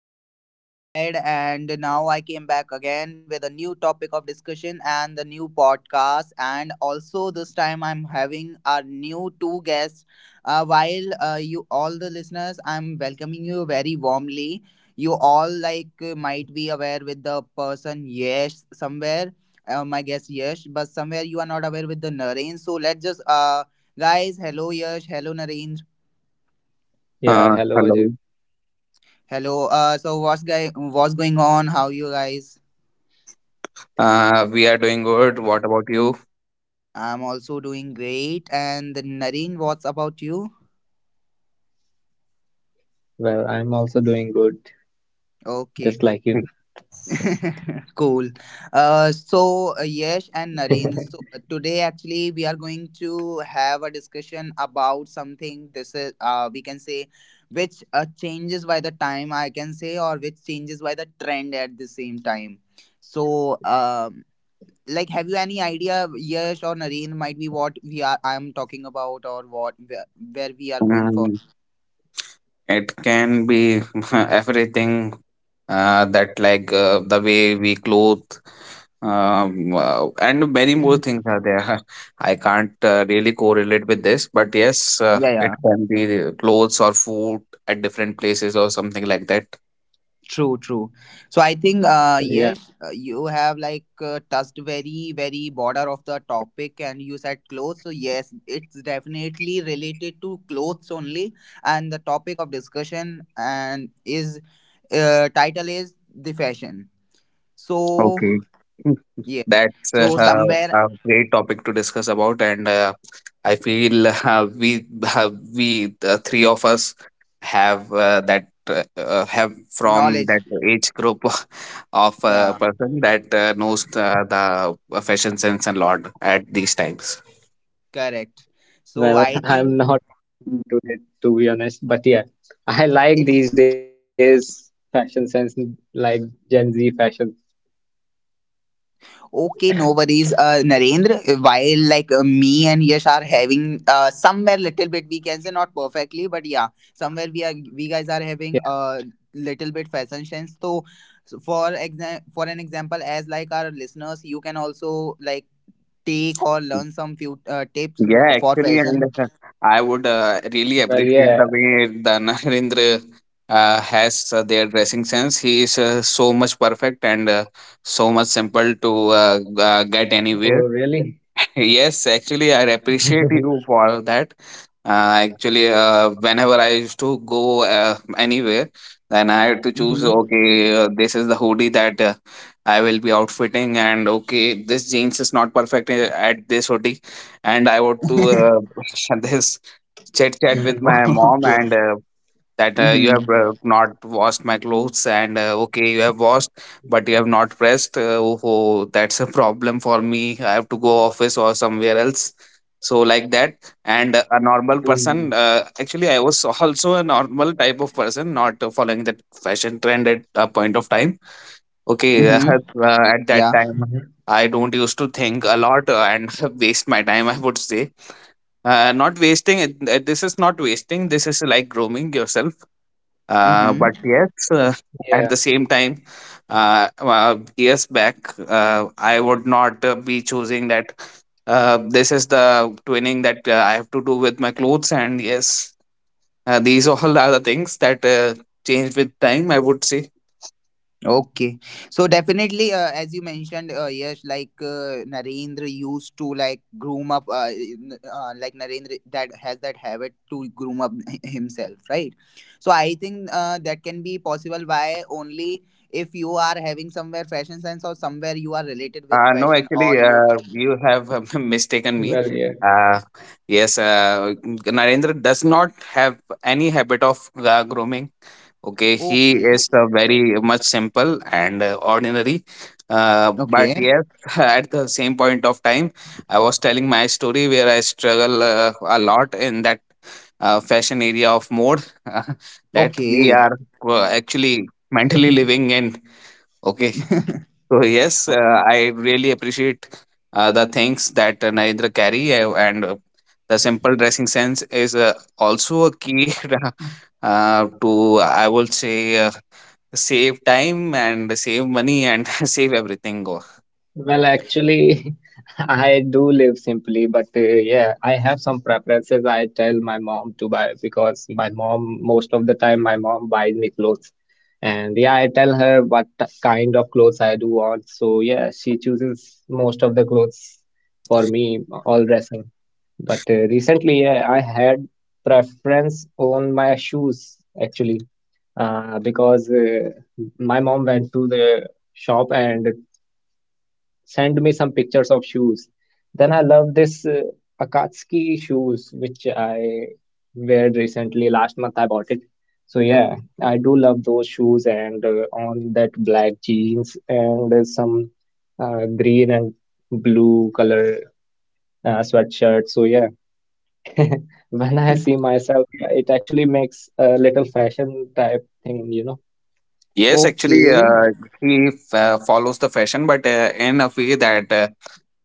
guys, Ajay this side, and now I came back again with a new topic of discussion and the new podcast. And also, this time I'm having our new two guests. While you all the listeners, I'm welcoming you very warmly. You all might be aware with the person Yes somewhere. My guess Yes, but somewhere you are not aware with the Naren. So let's just, guys, hello Yash, hello Naren, Yeah, Hello. hello Ajay. hello. So what's going on? How you guys? We are doing good. What about Uh, you? I'm also doing great. And Nareen, what's about you? well, I'm also doing good, just like you. Okay, cool. Yash and Nareen, today actually we are going to have a discussion about something. This is we can say which changes by the time I can say, or which changes by the trend at the same time. So, have you any idea, Yash or Nareen, might be what we are I'm talking about, or where we are going for? Mm, It can be everything that, like the way we clothe, and many more Mhm. things are there. I can't really correlate with this, but yes, it Yeah, can be clothes or food at different places or something like that. true, true. So I Well, think, yeah, you have touched very, very border of the topic, and you said clothes. So yes, it's definitely related to clothes only, and the topic of discussion and is title is the fashion. So Okay. yes, That's so somewhere a great topic to discuss about, and I feel we the three of us have that have from knowledge. that age group of Yeah, person that knows the fashion sense a lot at these times. correct. So I I'm think not too much into it to be honest, but yeah, I like it's these days fashion sense like Gen Z fashion. Okay, no worries, Narendra. While me and Yash are having somewhere little bit, we can say not perfectly, but yeah, somewhere we guys are Yeah, having a little bit fashion sense. So, so for an example, as like our listeners, you can also like take or learn some few tips Yeah, for actually, and fashion. I would really well, yeah. appreciate the way the Narendra has their dressing sense. He is so much perfect and so much simple to get Oh, anywhere. really? Yes, actually, I appreciate you for that. Actually, whenever I used to go anywhere, then I had to choose, Mm-hmm. okay, this is the hoodie that I will be outfitting, and okay, this jeans is not perfect at this hoodie, and I want to this chit chat with Hmm. my mom Okay. and that you have Mm-hmm. Not washed my clothes, and okay, you have washed but you have not pressed. Oh, oh, that's a problem for me. I have to go office or somewhere else, so like that. And a normal Hmm. person, actually I was also a normal type of person, not following that fashion trend at a point of time. Mm-hmm. Okay. At Yeah. that Mhm. time I don't used to think a lot and waste my time, I would say. Not wasting it, this is not wasting, this is like grooming yourself. Mm-hmm. But yes, Yeah, at the same time, years back, I would not be choosing that. This is the twinning that I have to do with my clothes, and yes, these all are the things that change with time, I would say. Okay, so definitely, as you mentioned, like Narendra used to like groom up, like Narendra that has that habit to groom up himself, right? So I think that can be possible by only if you are having somewhere fashion sense or somewhere you are related with No, fashion actually, all your life? you have mistaken well, me. yeah. Uh, yes, Narendra does not have any habit of grooming. Okay, he Okay, is very much simple and ordinary. But okay, yes, at the same point of time, I was telling my story where I struggle a lot in that fashion area of mode that we okay, are actually mentally living in. Okay, so yes, I really appreciate the things that Narendra carry and the simple dressing sense is also a key, to, I would say, save time and save money and save everything. Go. Well, actually, I do live simply, but yeah, I have some preferences I tell my mom to buy because my mom, most of the time, my mom buys me clothes. And yeah, I tell her what kind of clothes I do want. So yeah, she chooses most of the clothes for me, all dressing. But recently, yeah, I had preference on my shoes actually because my mom went to the shop and send me some pictures of shoes. Then I love this Akatsuki shoes, which I wear recently. Last month I bought it. So yeah, I do love those shoes and on that black jeans and some green and blue color sweatshirt. So yeah, when I see myself, yeah, it actually makes a little fashion type thing, you know. Yes, actually, okay. He follows the fashion, but in a way that uh,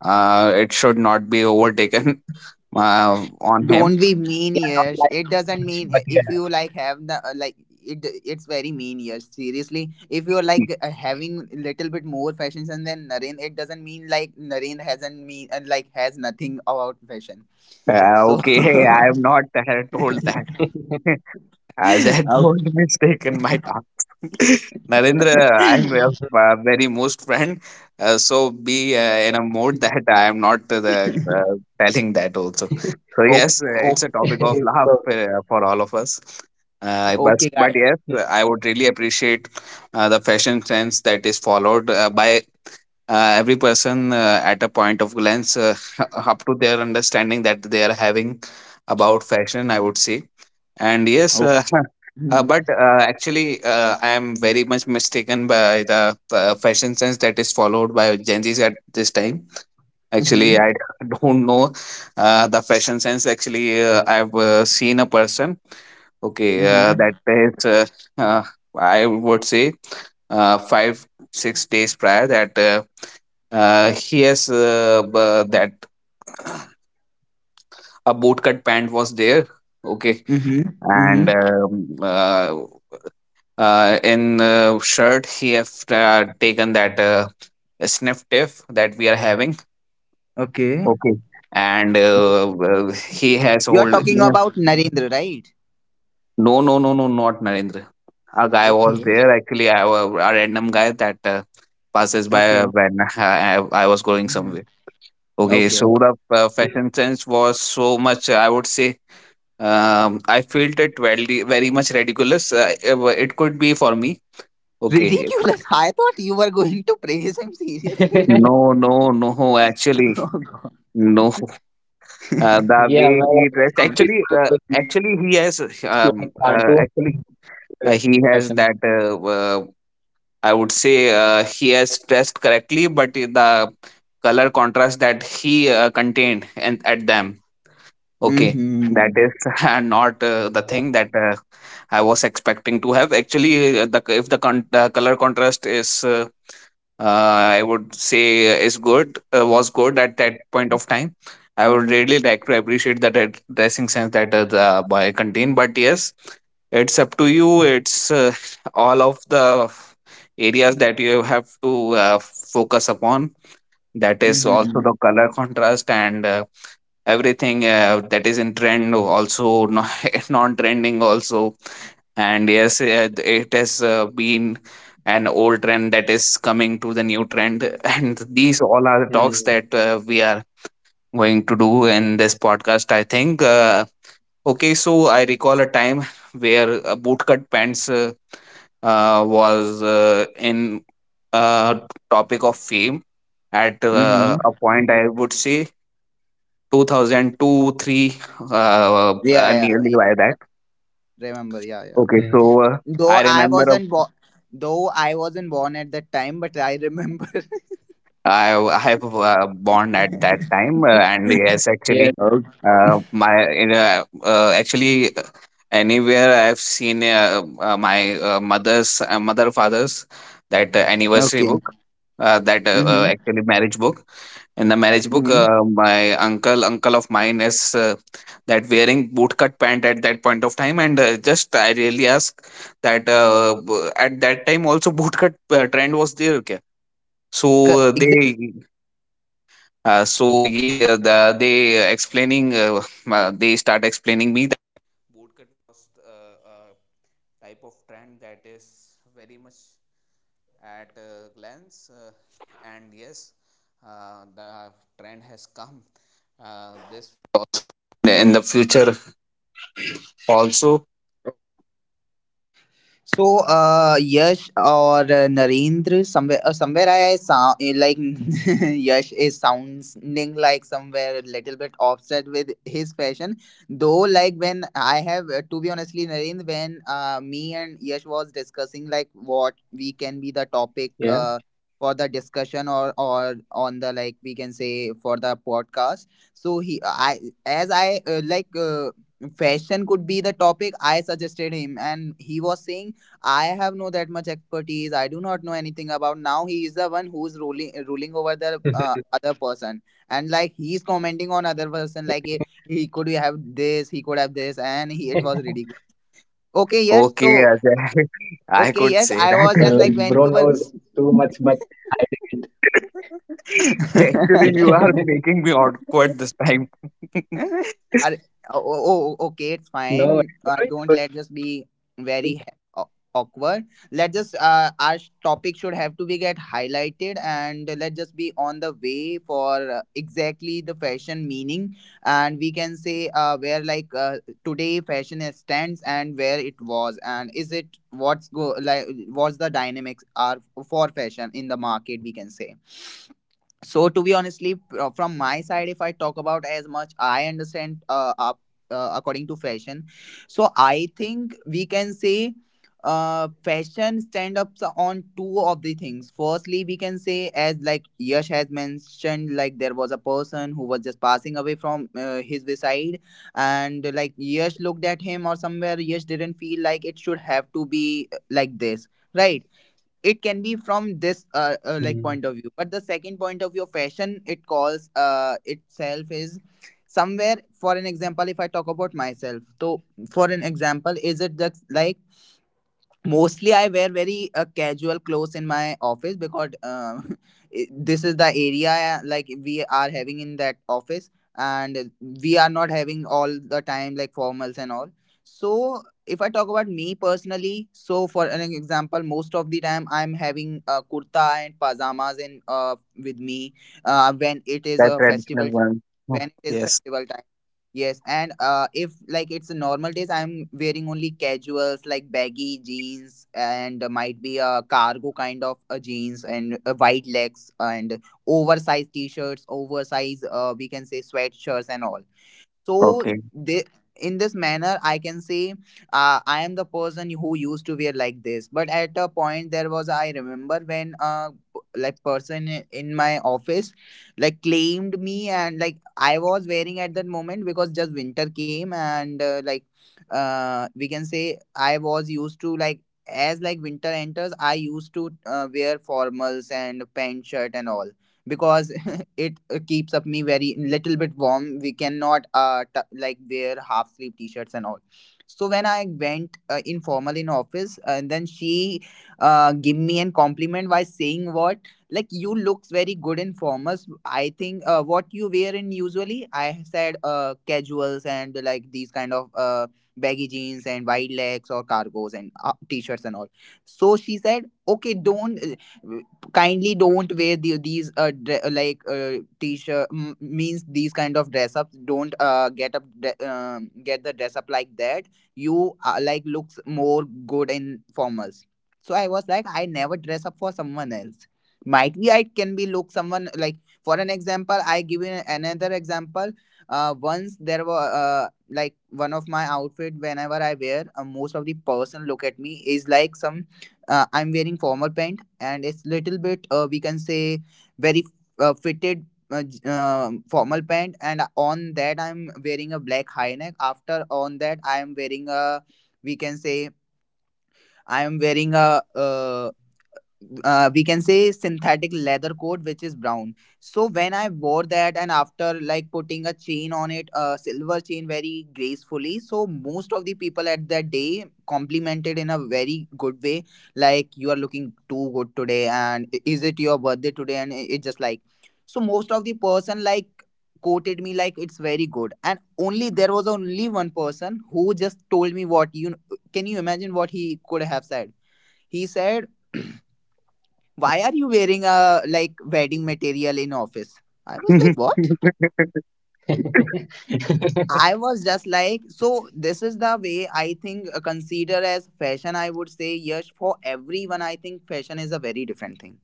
uh, it should not be overtaken on Don't him. be mean, Yeah, not Yash. like It too doesn't much, mean but yeah. if you like have the like it. It's very mean, Yash. Seriously, if you're having little bit more fashions and then Naren, it doesn't mean like Naren hasn't mean like has nothing about fashion. So, Okay, I have not told that. As I oh, don't mistaken my talk, Narendra, I'm your very most friend. So be in a mode that I am not telling that also. So oh, yes, oh, it's a topic It's of okay. laugh for all of us. Uh, but okay, but guys. yes, Mm. I would really appreciate the fashion sense that is followed by every person at a point of glance, up to their understanding that they are having about fashion, I would say. And yes, Oh. Mm-hmm. but actually, I am very much mistaken by the fashion sense that is followed by Gen Zs at this time. Actually, Mm-hmm. I don't know the fashion sense. Actually, I've seen a person, okay, that Mm-hmm. is, uh, I would say, five, 6 days prior that he has that a bootcut pant was there, okay, Mm-hmm. Mm-hmm. and in shirt, he have taken that sniff tiff that we are having, Okay. okay. And well, he has You're hold. talking No, about Narendra, right? no, no, no, not Narendra. A guy was Okay. there, actually. I was a random guy that passes Okay. by Okay. when I was going Mhm. somewhere. Okay, Okay. so the Mm. fashion sense was so much, I would say. I felt it very, very much ridiculous. It could be for me. Okay, Ridiculous. I thought you were going to praise him seriously. no, no, no. Actually, Oh god. no, the Yeah, way well, he dressed. some Actually, people may look he has. like cartoon Actually, in the he fashion. has that. I would say he has dressed correctly, but the color contrast that he contained and at them. Okay, that Hmm, Oh, is not the thing that I was expecting to have. Actually, the, if the color contrast is, I would say, is good, was good at that point of time. I would really like to appreciate that dressing sense that the boy contained. But yes, it's up to you. It's all of the areas that you have to focus upon. That is also hmm, the color contrast and everything that is in trend, also non-trending also. And yes, it has been an old trend that is coming to the new trend. And these mm, all are the talks that we are going to do in this podcast, I think. Okay, so I recall a time where bootcut pants was in uh, topic of fame at hmm. a point, mm, I would say, 2002 3, Yeah, yeah, nearly yeah. by that. Remember, yeah, yeah. Okay, mm. so Though I I remember wasn't born, though I wasn't born at that time, but I remember. I have born at that time, and yes, actually, Yeah, Okay. uh, my in, uh, actually, anywhere I've seen my mother's mother father's that anniversary Okay. book, that Mm-hmm. actually marriage book. In the marriage book, Mm-hmm. Mm, my uncle of mine is that wearing bootcut pant at that point of time, and just I really ask that at that time also bootcut trend was there. क्या? So Exactly. they so yeah, the, they explaining they start explaining. So, Yash or Narendra, somewhere I sound like Yash is sounding like somewhere a little bit upset with his fashion. Though, like when I have, to be honestly, Narendra, when me and Yash was discussing like what we can be yeah. the topic for the discussion or on the, like we can say, for the podcast. So he, I as I like. Fashion could be the topic. I suggested him and he was saying I have no that much expertise, I do not know anything about. Now he is the one who's ruling over the other person, and like he's commenting on other person like he could have this, he could have this, and he, it was ridiculous. Okay, yes, Okay, so Ajay. Well, I okay, bro could yes, say I knows was that. just too like when much, you but hiding it. Actually, you are were making me awkward this time. are, oh, oh, oh, No okay, it's worries, bro. It's a fine. good Uh, thing. don't let us be very ha- aw- awkward. Let us topic should have to be get highlighted, and let just be on the way for exactly the fashion meaning, and we can say where today fashion is stands and where it was, and is it, what's go like, what's the dynamics are for fashion in the market, we can say. So, to be honestly, from my side, if I talk about as much I understand, according to fashion. So I think we can say fashion stand ups on two of the things. Firstly, we can say, as like Yash has mentioned, like there was a person who was just passing away from Mm, his side, and like Yash looked at him, or somewhere Yash didn't feel like it should have to be like this, right? It can be from this mm, like point of view, but the second point of view of fashion it calls itself is somewhere, for an example, if I talk about myself. So, for an example, mm. is it just like mostly I wear very casual clothes in my office, because this is the area like we are having in that office, and we are not having all the time like formals and all. So, if I talk about me personally, so for an example, most of the time I'm having a kurta and pajamas in with me uh, when it is That a festival traditional one. Hmm. when it is Yes. festival time. Yes, and if like it's a normal days, I'm wearing only casuals like baggy jeans, and might be a cargo kind of a jeans, and a white legs, and oversized t-shirts, oversized we can say sweatshirts and all. So Okay. they, in this manner I can say I am the person who used to wear like this. But at a point, there was, I remember, when like person, in my office, like claimed me and like I was wearing at that moment, because just winter came and like we can say I was used to like, as like winter enters I used to wear formals and pant shirt and all, because it keeps up me very little bit warm. We cannot like wear half sleeve t-shirts and all. So when I went informal in office, and then she give me an compliment by saying what, like you looks very good in formals. I think what you wear in usually, I said casuals and like these kind of baggy jeans and wide legs or cargos and t-shirts and all. So she said, okay, don't uh, kindly don't wear these like t-shirt, means these kind of dress ups, don't get the dress up like that. You like looks more good in formals. So I was like, I never dress up for someone else. Might be I can be look someone like, for an example I give you another example. Once there were like one of my outfit whenever I wear, most of the person look at me is like some, I'm wearing formal pant, and it's little bit, we can say very fitted, formal pant, and on that I'm wearing a black high neck. After, on that I am wearing a, we can say, I am wearing a we can say synthetic leather coat which is brown. So when I wore that, and after like putting a chain on it, a silver chain, very gracefully, so most of the people at that day complimented in a very good way, like, you are looking too good today, and is it your birthday today, and it just like. So most of the person like quoted me like it's very good, and only there was only one person who just told me, what you, can you imagine what he could have said? He said, why are you wearing What? a like wedding material in Mhm. office? I was like, what? I was just like, so this is the way I think consider as fashion. I would say, yes, for everyone I think fashion is a very different thing.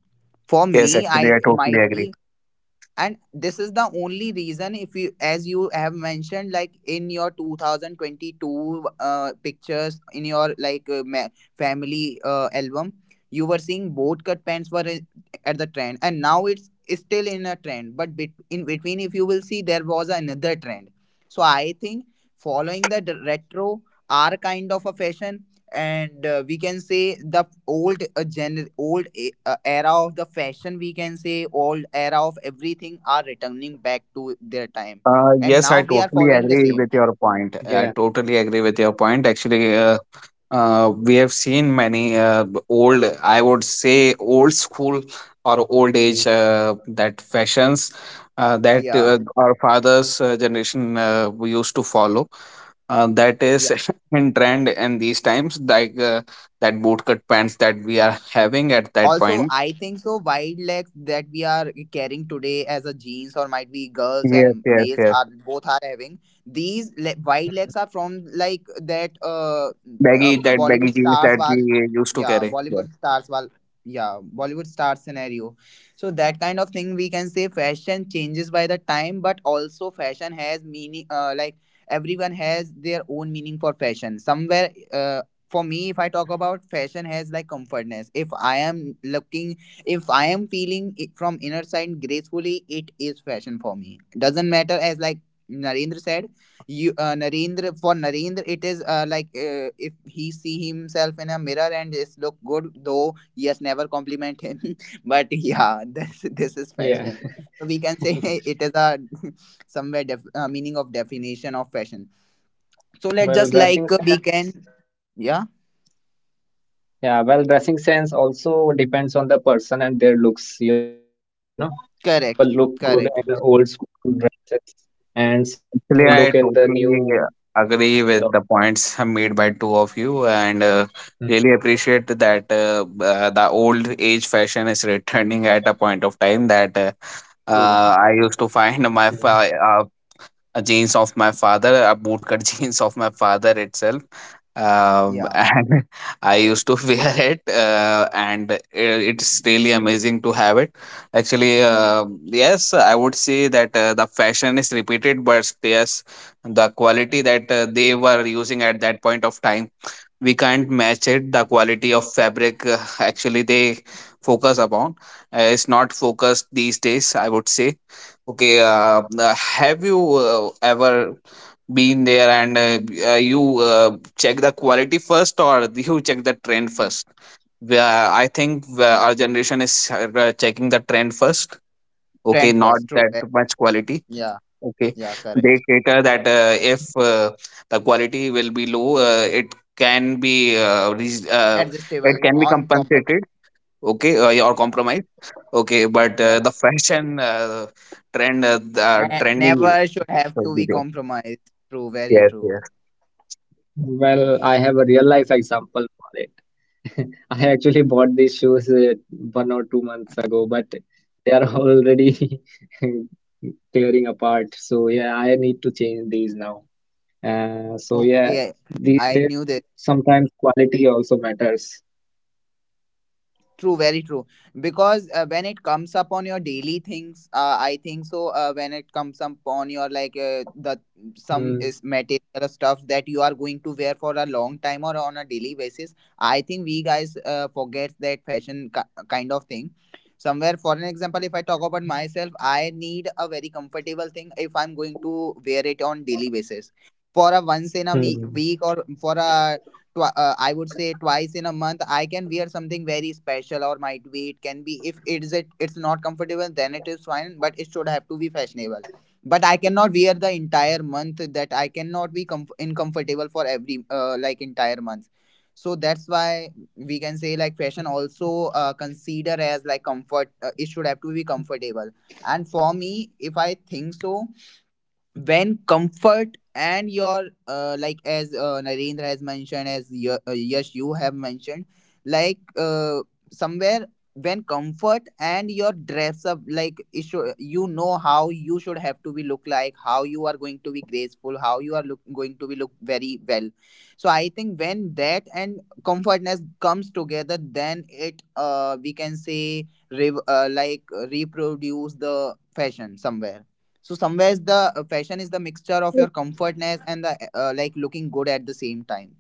For Yes, me, I, actually, I it totally might agree. be. And this is Yeah, the only reason if you, as you have mentioned, like in your 2022 pictures in your like family album, you were seeing boat cut pants were at the trend, and now it's still in a trend, but in between if you will see there was another trend. So I think, following retro are kind of a fashion, and we can say the old old era of the fashion, we can say old era of everything, are returning back to their time, and Yes, I now we are totally following the agree same. with your point. I totally agree with your yeah, point. Actually, we have seen many old, I would say, old school or old age that fashions that Yeah. Our fathers' generation we used to follow. That is in trend in these times, like that bootcut pants that we are having at that Also, point. I think so. Wide legs that we are carrying today as a jeans, or might be girls Yes, and yes, males yes. are both are having wide legs are from like that mhm, baggy uh that baggy Bollywood jeans stars that were we used to yeah carry, yes. Bollywood stars were yeah Bollywood star scenario. So that kind of thing we can say fashion changes by the time, but also fashion has meaning. Like everyone has their own meaning for fashion. Somewhere, for me, if I talk about fashion has like comfortness. If I am looking, if I am feeling it from inner side gracefully, it is fashion for me. Doesn't matter, as like Narendra said. You narendra For Narendra it is like, if he see himself in a mirror and just look good though. Yes, never compliment him but yeah, this is fashion, so we can say it is a yeah. somewhere meaning of definition of fashion. So let's just like, we can. Yeah. Well, dressing sense, yeah, well, dressing sense also depends on the person and their Correct, looks, you know. correct. Some people look good in old school Actually, I uh, dresses, totally and some look in agree the with the new points made fashions by and two all. of you, and really appreciate that Mm, the old age fashion is returning at a point of time, that True. I used to find jeans mm. of my father, a bootcut jeans of my father itself. Yeah. And I used to wear it, it's really amazing to have it. Actually, yes, I would say that the fashion is repeated, but yes, the quality that they were using at that point of time, we can't match it, the quality of fabric actually they focus upon, it's not focused these days, I would say. Okay, have you ever been there and you check the quality first or you check the trend first? Where I think our generation is checking the trend first, okay, Trend not first. True. that much quality. Yeah. Okay. Yeah. They Correct. cater that if the quality will be low, it can be it Adjustable. can be Uncompromised. compensated. Okay, or Yeah. compromised. Okay, but Yeah. the fashion trend, the trendy. Never should have to be compromised. True. Very Yes, true. yes. Well, I have a real life example for it. I actually bought these shoes one or two months ago, but they are already tearing apart. So yeah, I need to change these now. Okay. I Uh, knew this. so yeah, these days sometimes quality also matters. True, very true. Because when it comes upon your daily things, I think so. When it comes upon your like the some is material stuff that you are going Hmm, to wear for a long time or on a daily basis, I think we guys forget that fashion ki kind of thing. Somewhere, for an example, if I talk about myself, I need a very comfortable thing if I'm going to wear it on daily basis. For a once in a week, or for a hmm, I would say twice in a month, I can wear something very special, or might be it can be if it is it's not comfortable, then it is fine, but it should have to be fashionable. But I cannot wear the entire month, that I cannot be comf- hmm. in comfortable for every like entire month. So that's why we can say like fashion also, consider as like comfort, it should have to be comfortable. And for me, if I think so, when comfort and your like, as Narendra has mentioned, as yes you have mentioned, like, somewhere when comfort and your dress up like it should, you know how you should have to be look, like how you are going to be graceful, how you are look, going to be look very well. So I think when that and comfortness comes together, then it we can say, like, reproduce the fashion somewhere. So somewhere is the, fashion is the mixture of your comfortness and the, like, looking good at the same time.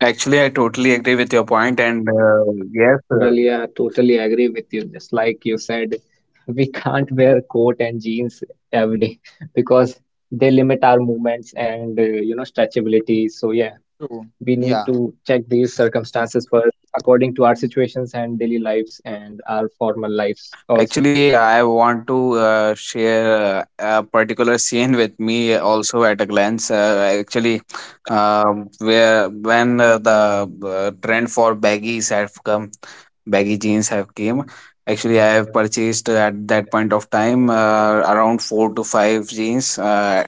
Actually, I totally agree with your point, and yes. Well, yeah, totally agree with you. Just like you said, we can't wear coat and jeans every day because movements and you know stretchability. So yeah, True. we need Yeah. to check these circumstances first according to our situations and daily lives and our formal lives also. Actually, I want to share a particular scene with me also at a glance. Actually, where when the trend for baggies have come, baggy jeans have came. Actually, I have purchased at that point of time around four to five jeans. Uh,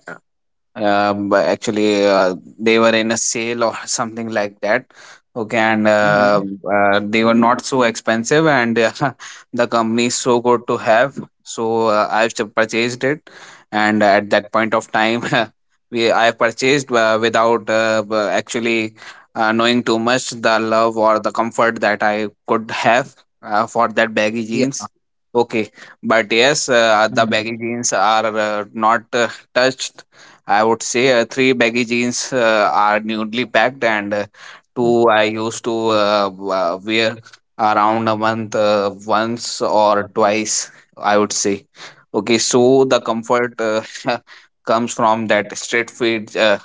um, But actually, they were in a sale or something like that. Okay, and Mm-hmm. They were not so expensive, and the company is so good to have. So I've just purchased it, and at that point of time, we I purchased without b- actually knowing too much the love or the comfort that I could have for that baggy Yeah. jeans. Okay, but yes, the Mhm. baggy jeans are not touched. I would say three baggy jeans are newly packed, and two I used to wear around a month once or twice, I would say. Okay, so the comfort comes from that straight fit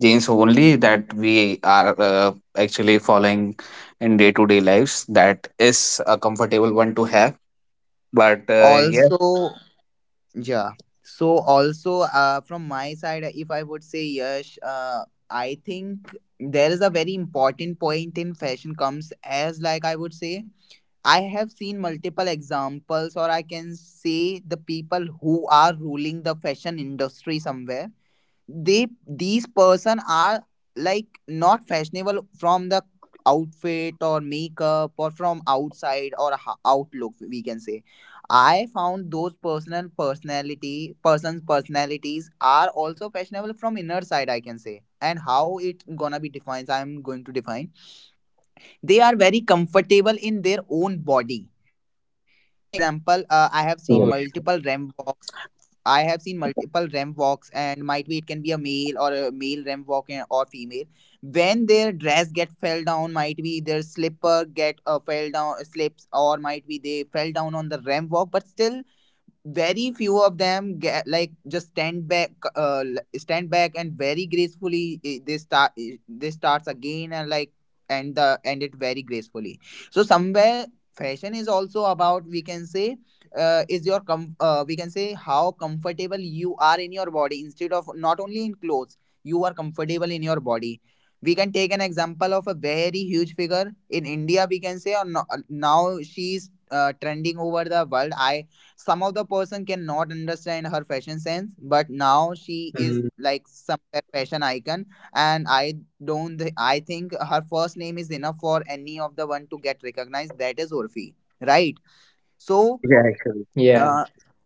jeans only that we are actually following in day to day lives. That is a comfortable one to have, but yes, Also. Yeah. So also, from my side, if I would say, yes, I think there is a very important point in fashion comes as like I would say, I have seen multiple examples, or I can say the people who are ruling the fashion industry somewhere. They These person are like not fashionable from the outfit or makeup, or from outside, or outlook, we can say. I found those personal personality persons personalities are also fashionable from inner side, I can say. And how it gonna be defined, I'm going to define. They are very comfortable in their own body. For an example, I have yeah, seen multiple Oh ram yeah. walks. I have seen multiple ram walks, and might be it can be a male or a male ram walk, or female. When their dress get fell down, might be their slipper get, fell down slips, or might be they fell down on the ram walk. But still, very few of them get like just stand back and very gracefully, they starts again and like end it very gracefully. So somewhere fashion is also about, we can say, is your we can say, how comfortable you are in your body, instead of not only in clothes you are comfortable in your body. We can take an example of a very huge figure in India, we can say. Or no, now she's trending over the world. I Some of the person cannot understand her fashion sense, but now she is like some Mm, fashion icon. And I don't thi- I think her first name is enough for any of the one to get recognized, that is Orfi, right? So, yeah. uh, yeah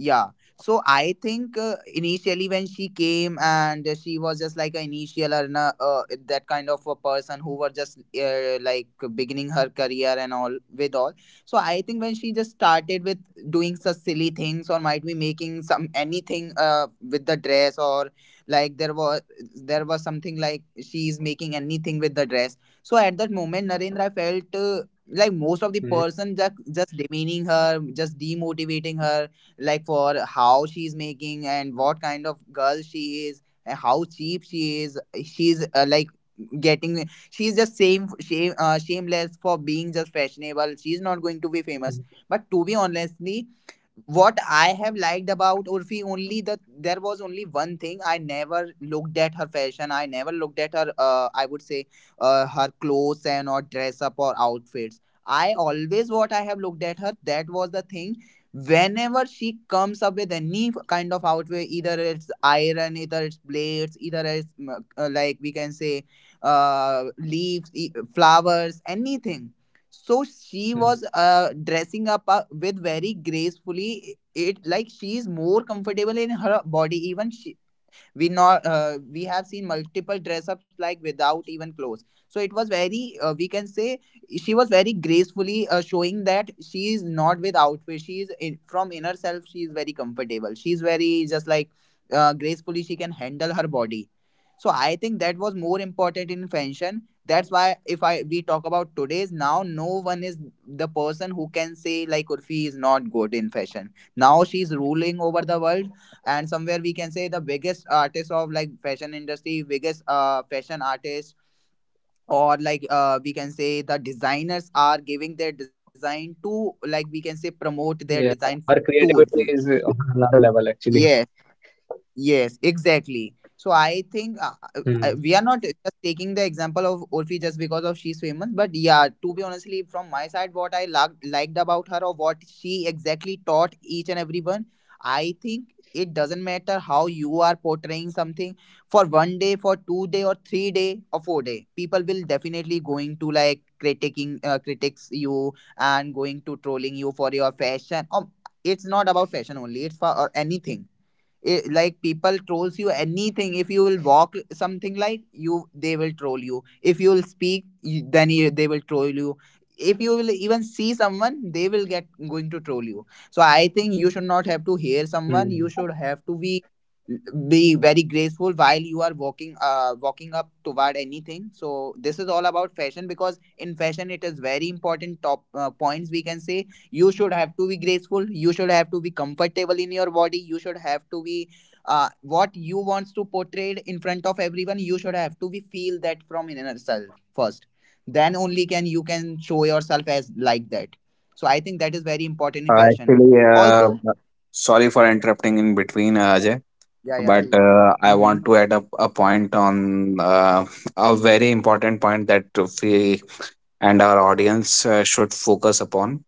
yeah. So I think, initially, when she came and, she was just like an initial, and, that kind of a person who were just, like, beginning her career and all with all. So I think when she just started with doing such silly things, or might be making some anything, with the dress, or like there was something like she's making anything with the dress. So at that moment Narendra felt, like most of the person just mm, demeaning her, just demotivating her, like for how she's making and what kind of girl she is and how cheap she is. She's, like getting, she's just same shame shameless for being just fashionable, she's not going to be famous. But to be mm, honestly, what I have liked about Urfi only, that there was only one thing. I never looked at her fashion. I never looked at her. I would say, her clothes and or dress up or outfits. I always, what I have looked at her, that was the thing, whenever she comes up with any kind of outfit, either it's iron, either it's blades, either it's, like we can say, leaves, flowers, anything. So she was, mm, dressing up, with very gracefully it like she is more comfortable in her body. Even we not, we have seen multiple dress ups like without even clothes, so it was very, we can say, she was very gracefully showing that she is not with outfit, she is in, from inner self she is very comfortable. She is very just like, gracefully, she can handle her body. So I think that was more important in fashion. That's why if I we talk about today's, now no one is the person who can say like Urfi is not good in fashion. Now she is ruling over the world, and somewhere we can say the biggest artist of like fashion industry, biggest, fashion artist, or like, we can say the designers are giving their design to, like we can say, promote their design. yeah Her Tour. creativity is on another level Yes. actually. Yes, exactly. So I think, we are not just mm, taking the example of Urfi just because of she's famous, but yeah, to be honestly, from my side, what I liked about her, or what she exactly taught each and everyone, I think it doesn't matter how you are portraying something for one day, for 2 day, or 3 day, or 4 day, people will definitely going to like critics you, and going to trolling you for your fashion. It's not about fashion only; it's for or anything. Like people trolls you anything. If you will walk something like you, they will troll you. If you will speak you, they will troll you. If you will even see someone, they will get going to troll you. So I think you should not have to hear someone, mm. you should have to be very graceful while you are walking up toward anything. So this is all about fashion, because in fashion it is very important top, points we can say. You should have to be graceful. You should have to be comfortable in your body. You should have to be, what you wants to portray in front of everyone. You should have to be feel that from inner self first. Then only can you can show yourself as like that. So I think that is very important in fashion. Actually, Also. sorry for interrupting in between, Ajay, Yeah. Yeah, but yeah. I Mm-hmm. want to add up a point on a very important point that we and our audience should focus upon.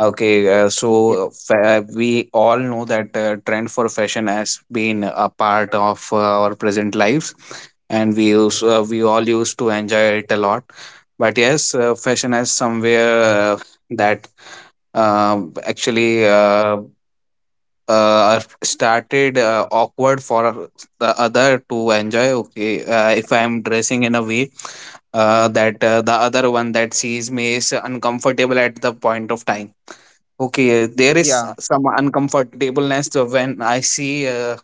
Okay, uh, Yeah. so fa- we all know that trend for fashion has been a part of our present lives, and we use, we all used to enjoy it a lot. But yes, fashion has somewhere that actually. Started awkward for the other to enjoy. Okay, if I am dressing in a way that the other one that sees me is uncomfortable at the point of time. Okay, there is Yeah, some uncomfortableness when I see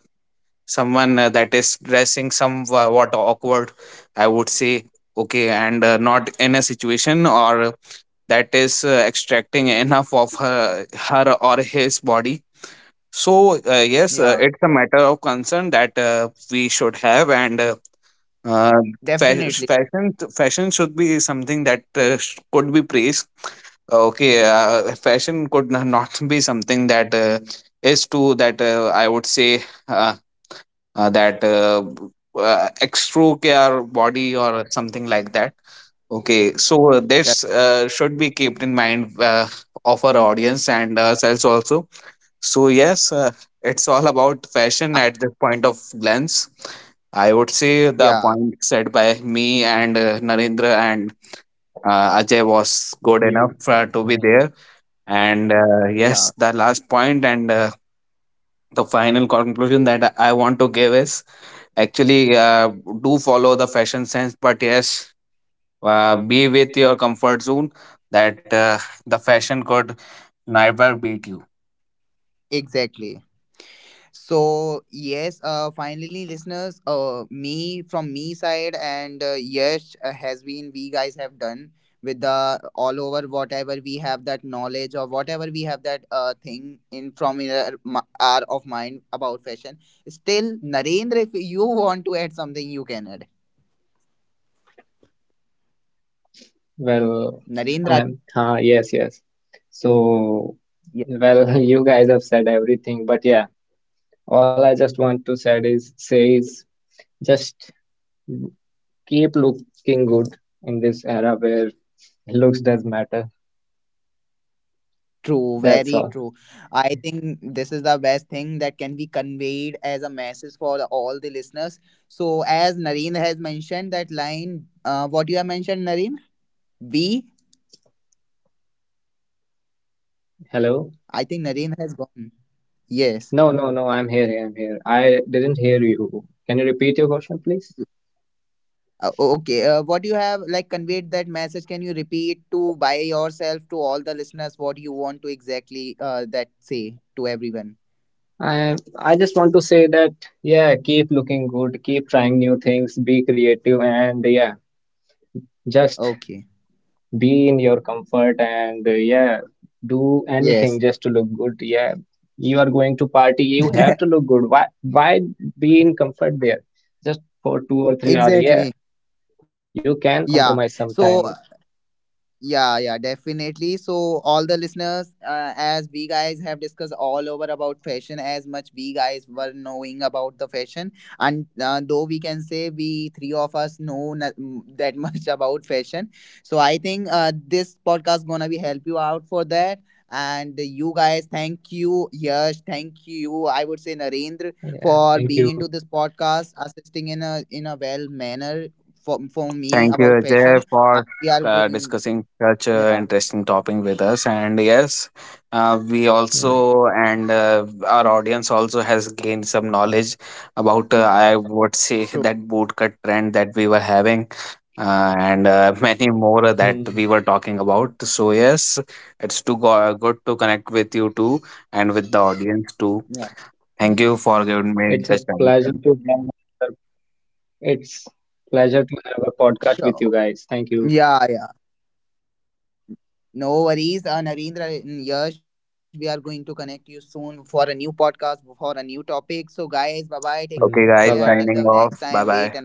someone that is dressing somewhat awkward, I would say, okay, and not in a situation or that is extracting enough of her or his body. So, yes, yeah, it's a matter of concern that we should have, and uh, fa- definitely. fashion fashion should be something that could be praised. Okay, fashion could not be something that is to, that I would say uh, that extrude our body or something like that. Okay, so this Correct. Should be kept in mind of our audience and ourselves also. So yes, it's all about fashion Uh, at this point of glance. I would say the yeah. point said by me and Narendra and Ajay was good You. enough to Mm, be there. And yes, Yeah, the last point and the final conclusion that I want to give is actually, do follow the fashion sense, but yes, be with your comfort zone that the fashion could never beat you. exactly. So yes, finally, listeners, me from me side, and, yes, has been we guys have done with the all over whatever we have that knowledge, or whatever we have that, thing in from in our, our of mind about fashion. Still, Narendra, if you want to add something, you can add. well Narendra. um huh, yes yes so well you guys have said everything but yeah, all I just want to said is say is just keep looking good in this era where looks does matter. True, That's very all. true. I think this is the best thing that can be conveyed as a message for all the listeners. So, as Nareen has mentioned that line, what you have mentioned, Nareen, we, Hello? I think Nareen has gone. Yes. No, no, no, I'm here, I'm here. I didn't hear you. Can you repeat your question, please? Okay. What you have like conveyed that message? Can you repeat to by yourself to all the listeners what you want to exactly, that say to everyone? I just want to say that yeah, keep looking good, keep trying new things, be creative and yeah, just Okay. be in your comfort and yeah, do anything Yes. just to look good. Yeah. You are going to party, you have to look good. Why be in comfort there? Just for two or three hours. Yeah, Exactly. you can compromise Yeah. sometime. So, yeah, yeah, definitely. So, all the listeners, as we guys have discussed all over about fashion, as much we guys were knowing about the fashion, and, though we can say we three of us know not that much about fashion, so I think this podcast gonna be help you out for that. And you guys, thank you, Yash, thank you. I would say Narendra, Yeah, for thank being into you, this Ajay. podcast, assisting in a well manner for me Thank you, about Ajay, fashion. And for we are going. discussing such an Yeah, interesting topic with us. And yes, we Mm. also and our audience also has gained some knowledge about, I would say, true. that bootcut trend that we were having. And many Hmm. more that we were talking about. So yes, it's too good to connect with you too and with the audience too. Yeah, Thank you for giving me It's the a chance. pleasure to have another. It's pleasure to have sure. a podcast Yeah, with you yeah. guys. Thank you. No worries. Narendra and Yash, we are going to connect you soon for a new podcast, for a new topic. So, guys, bye bye. Take care until the next time. Okay, Wait Hmm. and guys, Bye watch. Bye signing bye. bye. off. Bye bye.